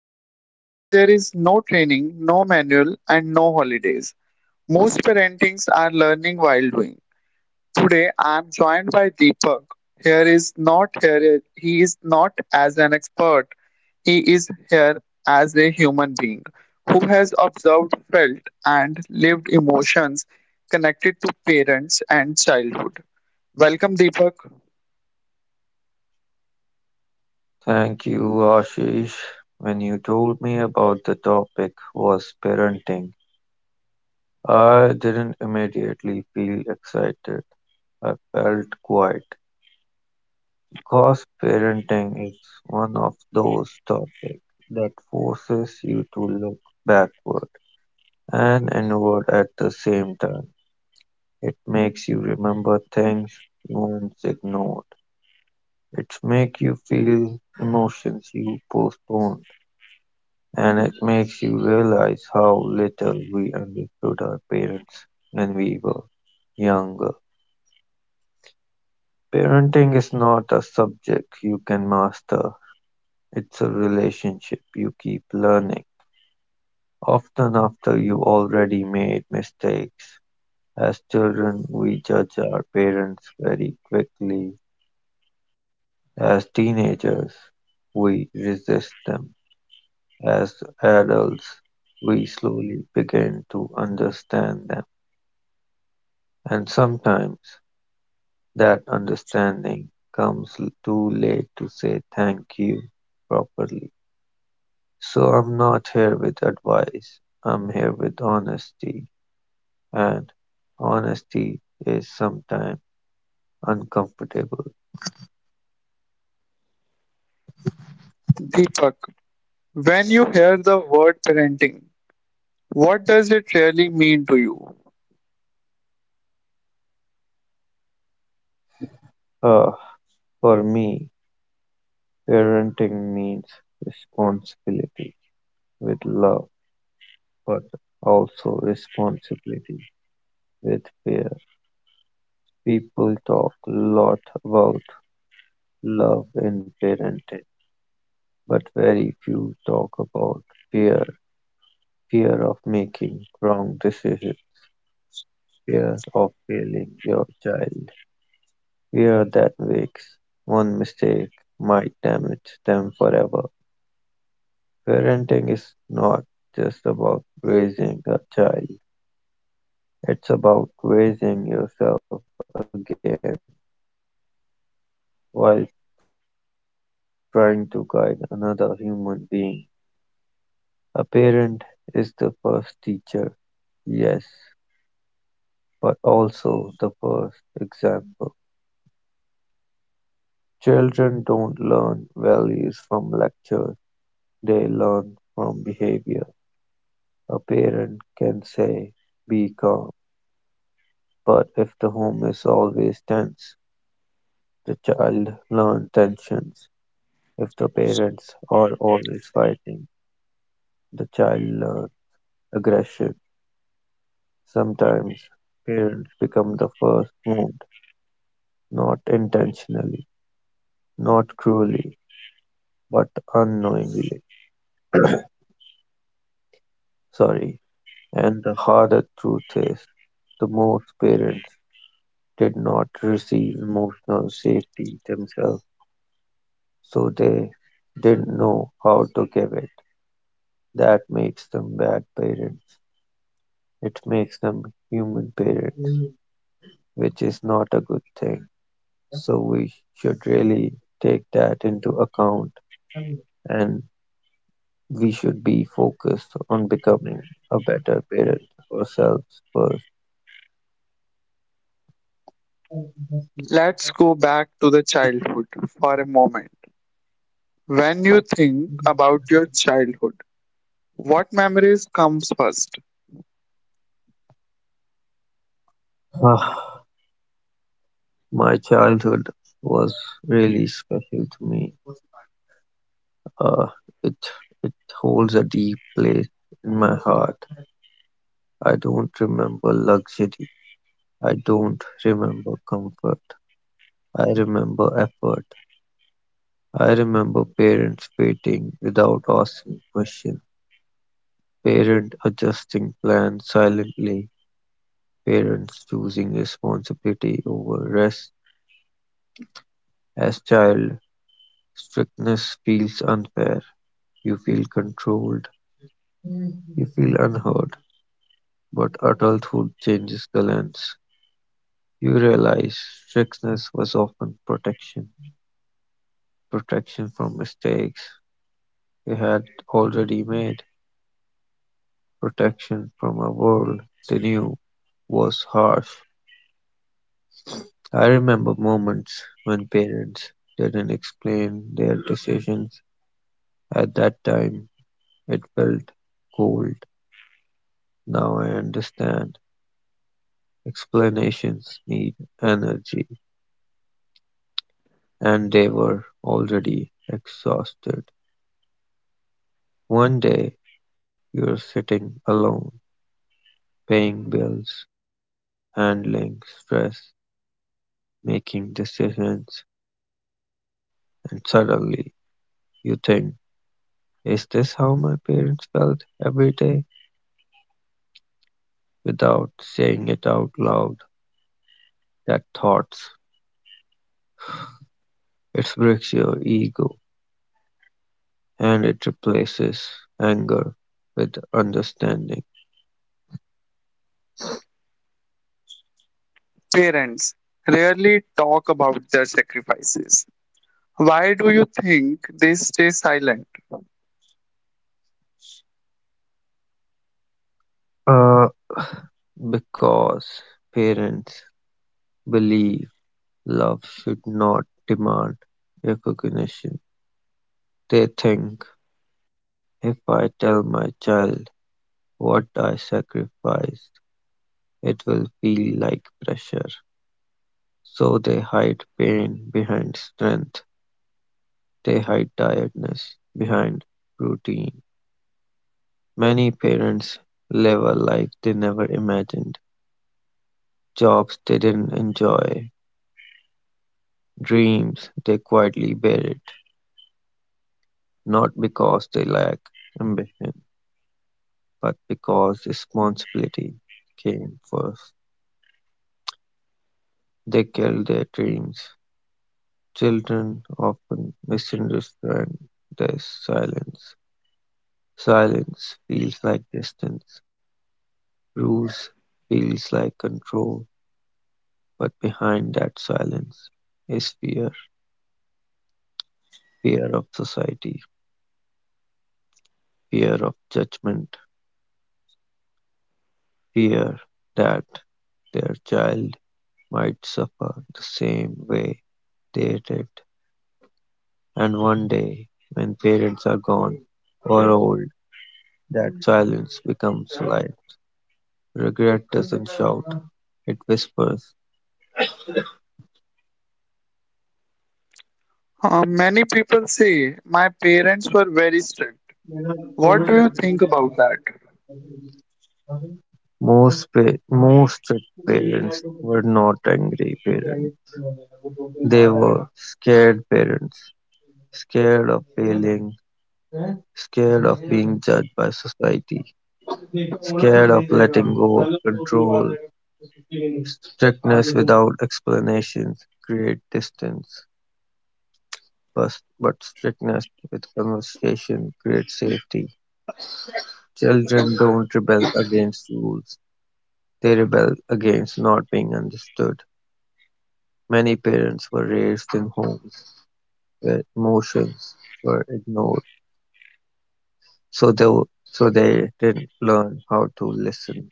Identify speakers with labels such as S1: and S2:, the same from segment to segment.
S1: job where there is no training, no manual, and no holidays. Most parentings are learning while doing. Today I am joined by Deepak. Here is not here He is not as an expert. He is here as a human being who has observed, felt and lived emotions connected to parents and childhood. Welcome Deepak.
S2: Thank you, Ashish. When you told me about the topic was parenting, I didn't immediately feel excited. I felt quiet because parenting is one of those topics that forces you to look backward and inward at the same time. It makes you remember things you once ignored. It makes you feel emotions you postponed and it makes you realize how little we understood our parents when we were younger. Parenting is not a subject you can master, it's a relationship you keep learning, often after you already made mistakes. As children, we judge our parents very quickly. As teenagers, we resist them. As adults, we slowly begin to understand them. And sometimes that understanding comes too late to say thank you properly. So I'm not here with advice. I'm here with honesty. And honesty is sometimes uncomfortable.
S1: Deepak, when you hear the word parenting, what does it really mean to you?
S2: Uh, for me, parenting means responsibility with love, but also responsibility with fear. People talk a lot about love in parenting but very few talk about fear, fear of making wrong decisions, fear of failing your child, fear that makes one mistake might damage them forever. Parenting is not just about raising a child, it's about raising yourself again while trying to guide another human being. A parent is the first teacher, yes, but also the first example. Children don't learn values from lectures, they learn from behavior. A parent can say, be calm, but if the home is always tense, the child learns tensions. If the parents are always fighting, the child learns aggression. Sometimes parents become the first wound, not intentionally, not cruelly, but unknowingly. Sorry. And the harder truth is the most parents did not receive emotional safety themselves, so they didn't know how to give it. That makes them bad parents. It makes them human parents, which is not a good thing. So we should really take that into account and we should be focused on becoming a better parent ourselves first.
S1: Let's go back to the childhood for a moment. When you think about your childhood, what memories comes first?
S2: Ah, My childhood was really special to me. Uh, it it holds a deep place in my heart. I don't remember luxury. I don't remember comfort. I remember effort. I remember parents waiting without asking questions. Parents adjusting plans silently. Parents choosing responsibility over rest. As child, strictness feels unfair. You feel controlled. You feel unheard. But adulthood changes the lens. You realize strictness was often protection, protection from mistakes they had already made, protection from a world they knew was harsh. I remember moments when parents didn't explain their decisions. At that time, it felt cold. Now I understand. Explanations need energy, and they were already exhausted. One day, you're sitting alone, paying bills, handling stress, making decisions, and suddenly you think, is this how my parents felt every day? Without saying it out loud, that thoughts, it breaks your ego and it replaces anger with understanding.
S1: Parents rarely talk about their sacrifices. Why do you think they stay silent?
S2: Uh, because parents believe love should not demand recognition. They think if I tell my child what I sacrificed, it will feel like pressure. So they hide pain behind strength. They hide tiredness behind routine. Many parents live a life they never imagined, jobs they didn't enjoy, dreams they quietly buried, not because they lack ambition, but because responsibility came first. They killed their dreams. Children often misunderstand this silence; silence feels like distance, rules feels like control, but behind that silence is fear, fear of society, fear of judgment, fear that their child might suffer the same way they did. And one day, when parents are gone or old, that silence becomes light. Regret doesn't shout, it whispers.
S1: Many people say my parents were very strict. What do you think about that?
S2: Most strict parents were not angry parents. They were scared parents, scared of failing, scared of being judged by society, scared of letting go of control. Strictness without explanations create distance, but strictness with conversation creates safety. Children don't rebel against rules. They rebelled against not being understood; many parents were raised in homes where emotions were ignored, so they didn't learn how to listen.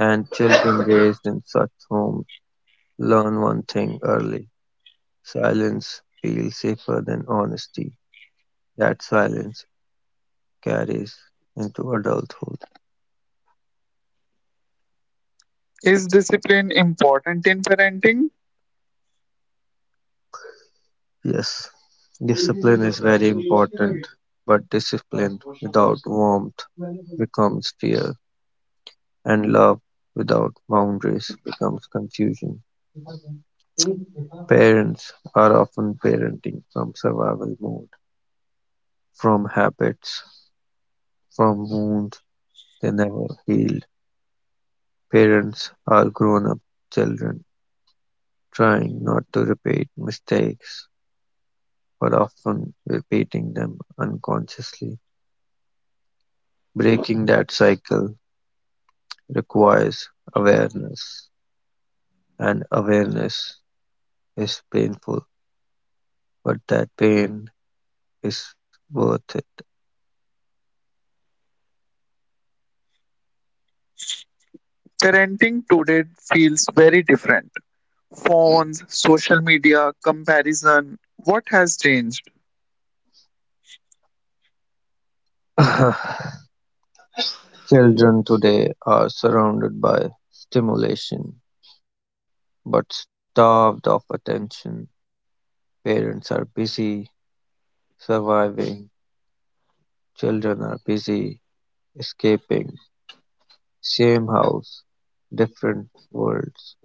S2: And children raised in such homes learn one thing early: silence feels safer than honesty. That silence carries into adulthood.
S1: Is discipline important in parenting?
S2: Yes, discipline is very important, but discipline without warmth becomes fear. And love without boundaries becomes confusion. Parents are often parenting from survival mode, from habits, from wounds they never healed. Parents are grown up children, trying not to repeat mistakes, but often repeating them unconsciously. Breaking that cycle requires awareness, and awareness is painful, but that pain is worth it.
S1: Parenting today feels very different. Phones, social media, comparison. What has changed?
S2: Children today are surrounded by stimulation, but starved of attention. Parents are busy surviving, children are busy escaping. Same house, different worlds.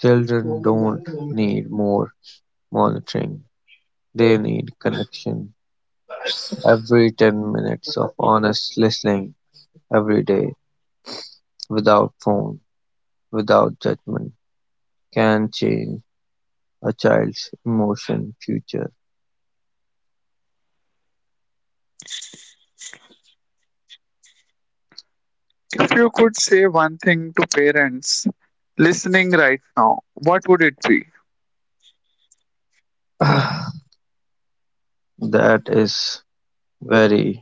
S2: Children don't need more monitoring, they need connection. Every 10 minutes of honest listening every day, without phone, without judgment, can change a child's emotion future?
S1: If you could say one thing to parents listening right now, what would it be?
S2: That is very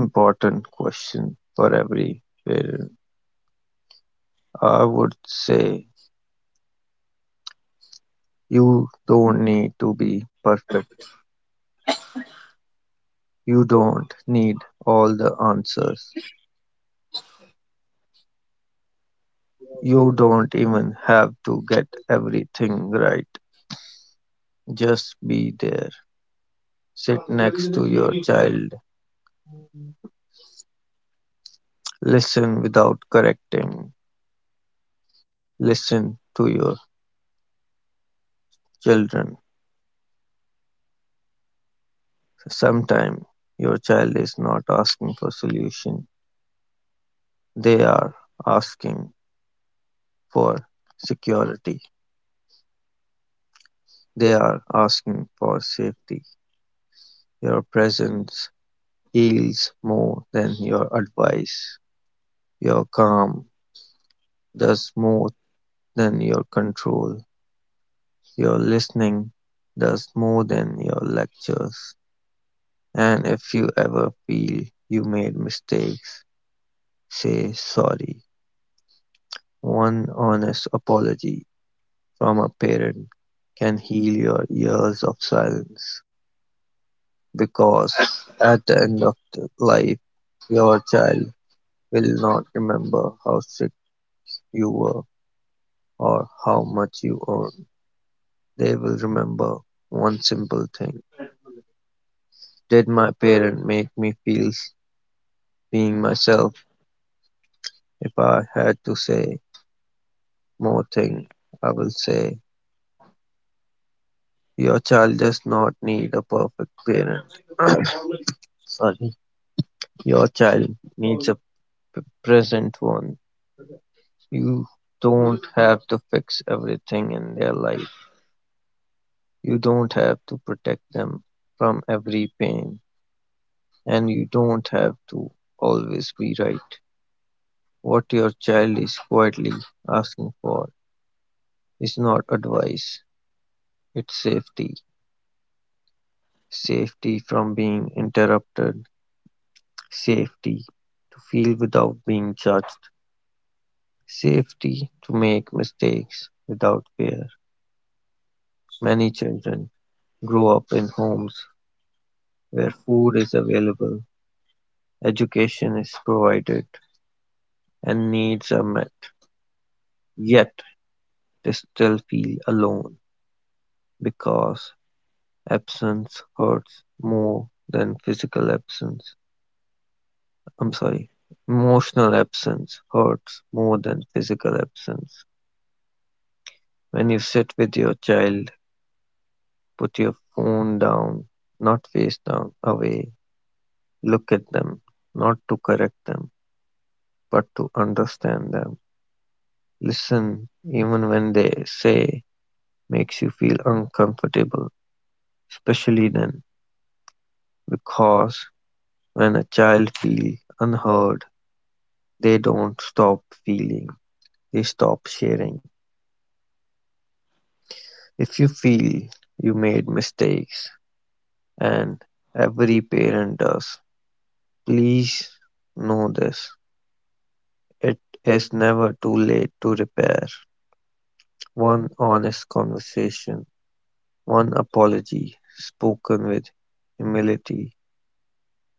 S2: important question for every parent. I would say you don't need to be perfect. You don't need all the answers. You don't even have to get everything right. Just be there. Sit next to your child. Listen without correcting. Listen to your children. Sometimes your child is not asking for solution. They are asking for security. They are asking for safety. Your presence heals more than your advice. Your calm does more than your control. Your listening does more than your lectures. And if you ever feel you made mistakes, say sorry. One honest apology from a parent can heal your years of silence because at the end of the life, your child will not remember how strict you were or how much you earned. They will remember one simple thing. Did my parent make me feel being myself? If I had to say more thing, I will say your child does not need a perfect parent. Sorry. Your child needs a present one. You don't have to fix everything in their life. You don't have to protect them from every pain. And you don't have to always be right. What your child is quietly asking for is not advice, it's safety. Safety from being interrupted, safety to feel without being judged, safety to make mistakes without fear. Many children grow up in homes where food is available, education is provided, and needs are met. Yet they still feel alone because absence hurts more than physical absence. I'm sorry, emotional absence hurts more than physical absence. When you sit with your child, put your phone down, not face down, away, look at them, not to correct them, but to understand them. Listen even when they say makes you feel uncomfortable, especially then, because when a child feels unheard, they don't stop feeling, they stop sharing. If you feel you made mistakes, and every parent does, please know this. It is never too late to repair. One honest conversation, one apology spoken with humility,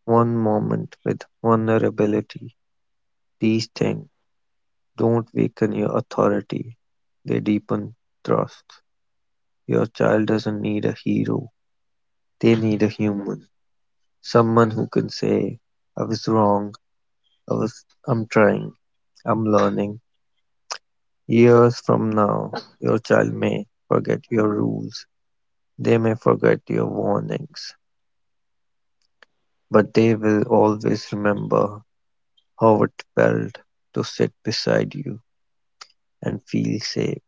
S2: one moment with vulnerability. These things don't weaken your authority, they deepen trust. Your child doesn't need a hero, they need a human. Someone who can say, I was wrong, I'm trying, I'm learning. Years from now, your child may forget your rules, they may forget your warnings, but they will always remember how it felt to sit beside you and feel safe.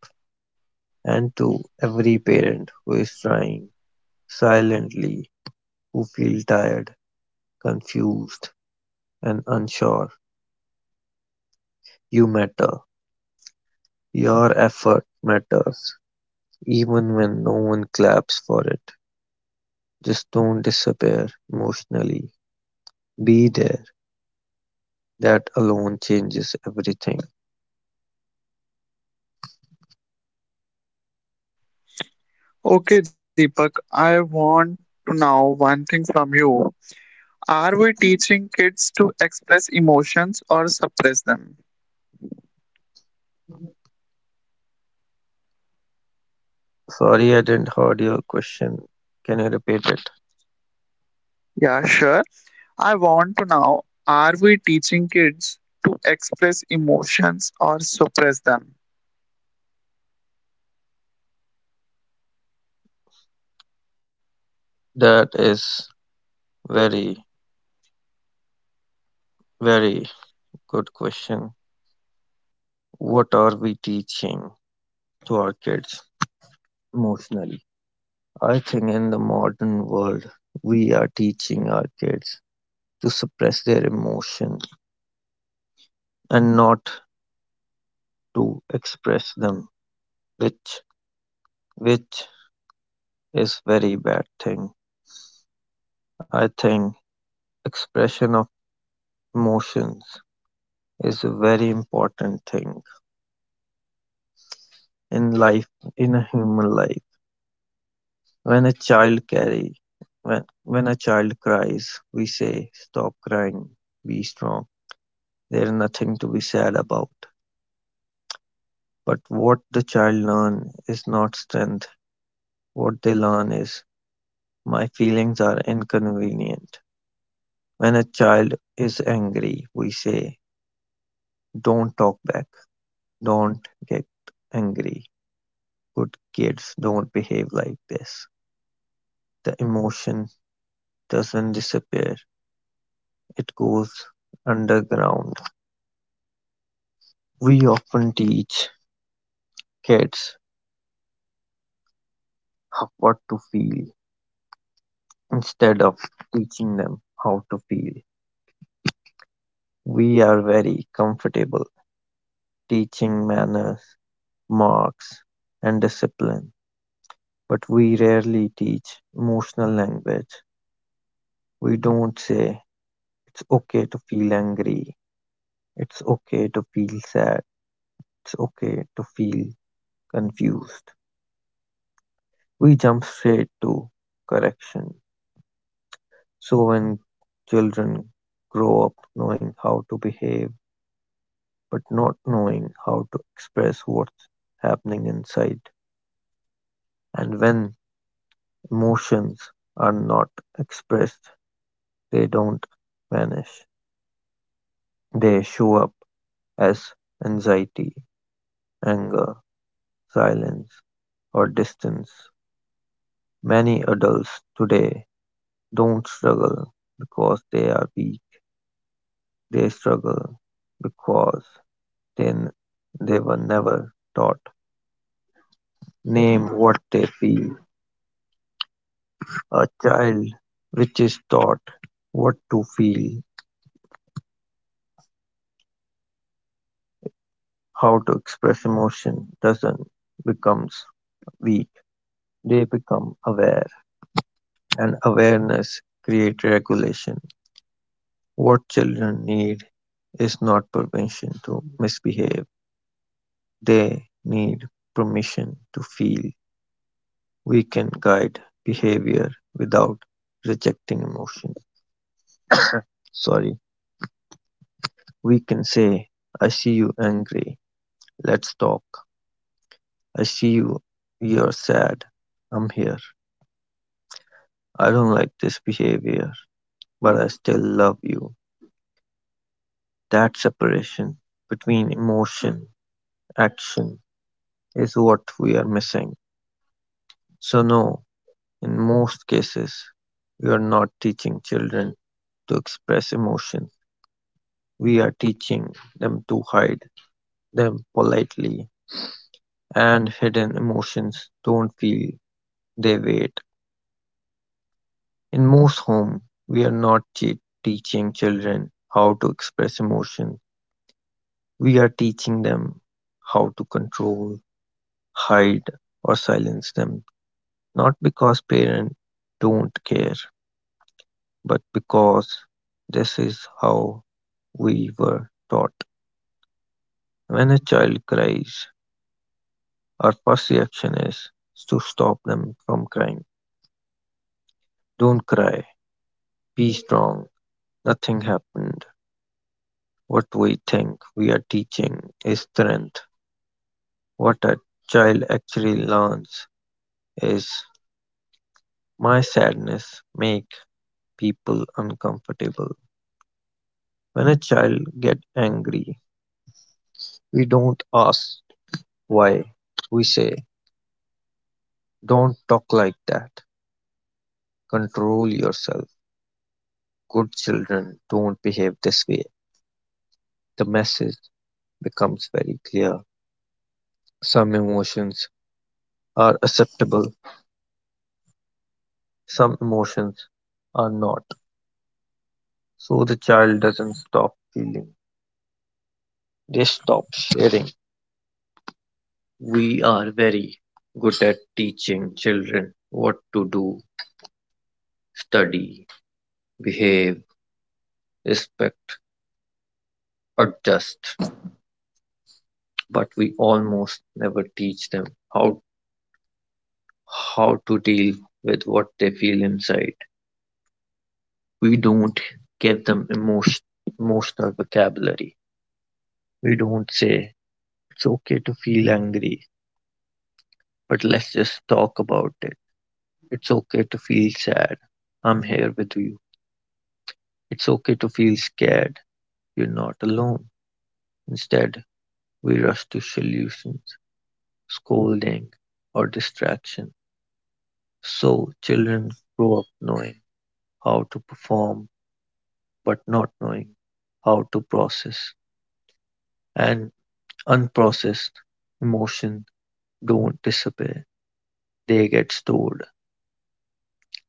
S2: And to every parent who is trying silently, who feel tired, confused, and unsure. You matter. Your effort matters, even when no one claps for it. Just don't disappear emotionally. Be there. That alone changes everything.
S1: Okay, Deepak, I want to know one thing from you. Are we teaching kids to express emotions or suppress them?
S2: Sorry, I didn't heard your question. Can you repeat it?
S1: Yeah, sure. I want to know, are we teaching kids to express emotions or suppress them?
S2: That is very, very good question. What are we teaching to our kids emotionally? I think in the modern world, we are teaching our kids to suppress their emotion and not to express them, which which is very bad thing. I think expression of emotions is a very important thing in life, in a human life. When a child carry, when a child cries, we say, "Stop crying, be strong. There is nothing to be sad about." But what the child learn is not strength, what they learn is, "My feelings are inconvenient." When a child is angry, we say, "Don't talk back, don't get angry. Good kids don't behave like this." The emotion doesn't disappear, it goes underground. We often teach kids what to feel instead of teaching them how to feel. We are very comfortable teaching manners, marks, and discipline, but we rarely teach emotional language. We don't say, it's okay to feel angry, it's okay to feel sad, it's okay to feel confused. We jump straight to correction. So when children grow up knowing how to behave, but not knowing how to express what's happening inside, and when emotions are not expressed, they don't vanish; they show up as anxiety, anger, silence, or distance. Many adults today don't struggle because they are weak; they struggle because they, they were never taught. Name what they feel. A child which is taught what to feel, how to express emotion, doesn't becomes weak. They become aware. And awareness create regulation. What children need is not permission to misbehave. They need permission to feel. We can guide behavior without rejecting emotion. Sorry. We can say, I see you angry. Let's talk. I see you. You're sad. I'm here. I don't like this behavior, but I still love you. That separation between emotion, action, is what we are missing. So, no, in most cases, we are not teaching children to express emotions. We are teaching them to hide them politely, and hidden emotions don't feel, they wait. In most homes, we are not teaching children how to express emotion. We are teaching them how to control, hide, or silence them, not because parents don't care but because this is how we were taught. When a child cries, our first reaction is to stop them from crying. Don't cry, be strong, nothing happened. What we think we are teaching is strength. What a child actually learns is, my sadness makes people uncomfortable. When a child gets angry, we don't ask why. We say, don't talk like that. "Control yourself, good children, don't behave this way." The message becomes very clear. Some emotions are acceptable, some emotions are not. So the child doesn't stop feeling, they stop sharing. We are very good at teaching children what to do: study, behave, respect, adjust, but we almost never teach them how how to deal with what they feel inside. We don't give them emotional vocabulary. We don't say, it's okay to feel angry, but let's just talk about it. It's okay to feel sad. I'm here with you. It's okay to feel scared. You're not alone. Instead, we rush to solutions, scolding, or distraction. So children grow up knowing how to perform, but not knowing how to process. And unprocessed emotion don't disappear, they get stored.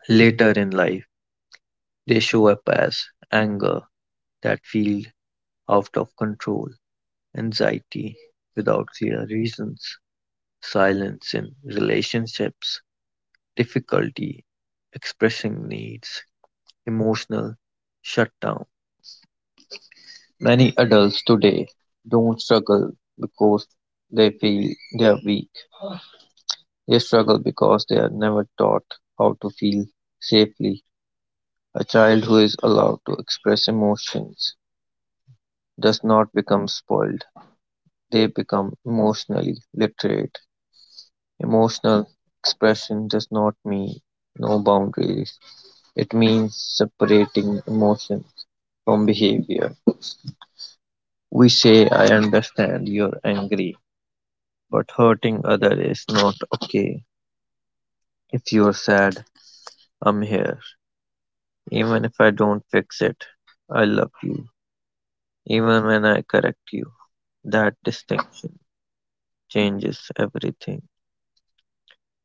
S2: Later in life, they show up as anger that feels out of control, anxiety without clear reasons, silence in relationships, difficulty expressing needs, emotional shutdown. Many adults today don't struggle because they feel they are weak. They struggle because they are never taught how to feel safely. A child who is allowed to express emotions does not become spoiled, they become emotionally literate. Emotional expression does not mean no boundaries. It means separating emotion from behavior. We say, I understand you're angry, but hurting other is not okay. If you're sad, I'm here. Even if I don't fix it, I love you. Even when I correct you. That distinction changes everything.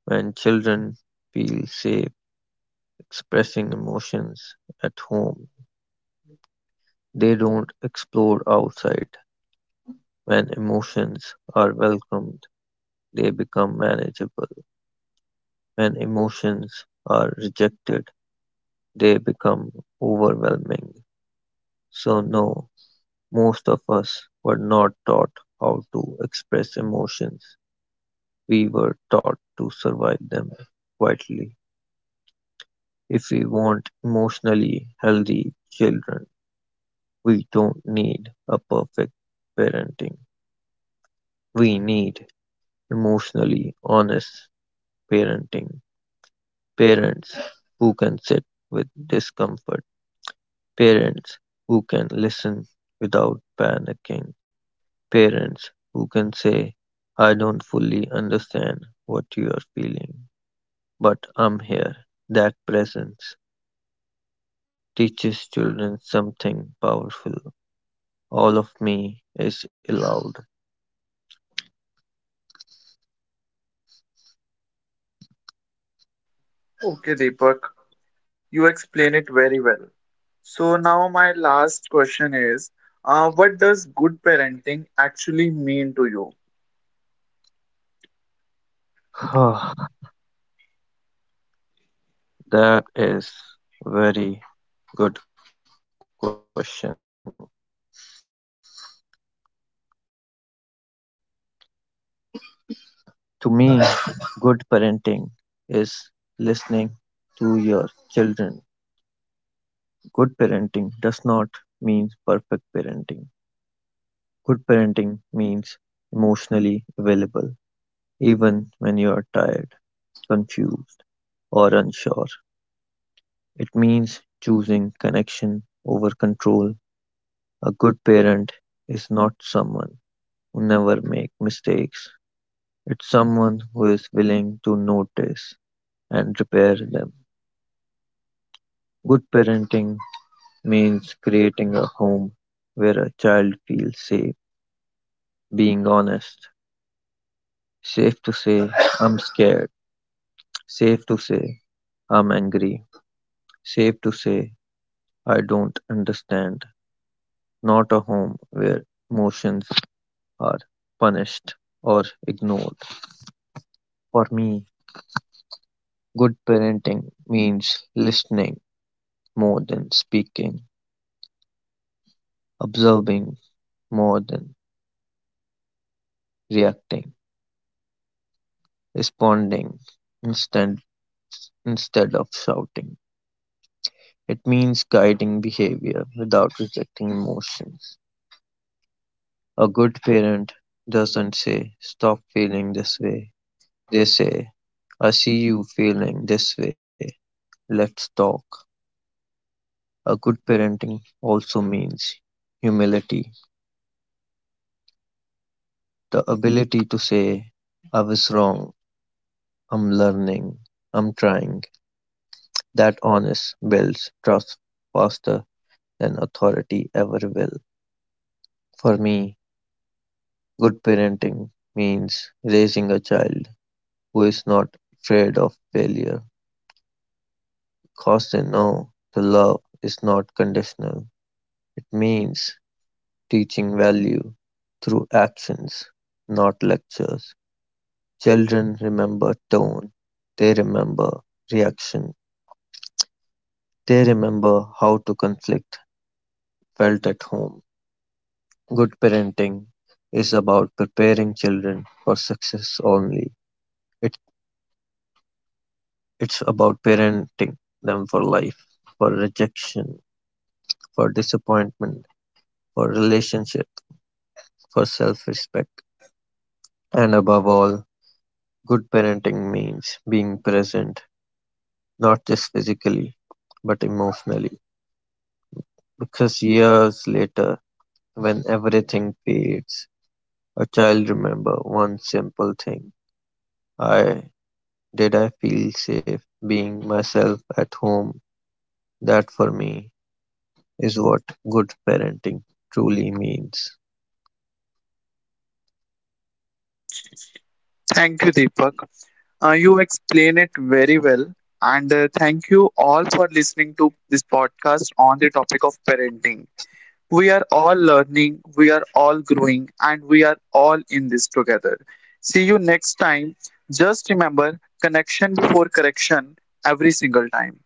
S2: When children feel safe expressing emotions at home, they don't explode outside. When emotions are welcomed, they become manageable. When emotions are rejected, they become overwhelming. So, no, most of us were not taught how to express emotions. We were taught to survive them quietly. If we want emotionally healthy children, we don't need a perfect parenting. We need emotionally honest parenting. Parents who can sit with discomfort. Parents who can listen without panicking. Parents who can say, I don't fully understand what you are feeling, but I'm here. That presence teaches children something powerful. All of me is allowed.
S1: Okay, Deepak, you explain it very well. So now my last question is, what does good parenting actually mean to you?
S2: That is very good question. To me, good parenting is listening to your children. Good parenting does not mean perfect parenting. Good parenting means emotionally available, even when you are tired, confused, or unsure. It means choosing connection over control. A good parent is not someone who never makes mistakes. It's someone who is willing to notice and repair them. Good parenting means creating a home where a child feels safe being honest, safe to say, I'm scared, safe to say, I'm angry, safe to say, I don't understand. Not a home where emotions are punished or ignored. For me, good parenting means listening more than speaking, observing more than reacting, responding instead instead of shouting. It means guiding behavior without rejecting emotions. A good parent doesn't say, stop feeling this way. They say, I see you feeling this way. Let's talk. A good parenting also means humility, the ability to say, I was wrong, I'm learning, I'm trying. That honest builds trust faster than authority ever will. For me, good parenting means raising a child who is not afraid of failure because they know the love is not conditional. It means teaching value through actions, not lectures. Children remember tone, they remember reaction, they remember how to conflict felt at home. Good parenting is about preparing children for success only. It, it's about parenting them for life, for rejection, for disappointment, for relationship, for self respect. And above all, good parenting means being present, not just physically, but emotionally. Because years later, when everything fades, a child remember one simple thing. I, did I feel safe being myself at home? That for me is what good parenting truly means.
S1: Thank you, Deepak. You explain it very well. And thank you all for listening to this podcast on the topic of parenting. We are all learning, we are all growing, and we are all in this together. See you next time. Just remember connection before correction every single time.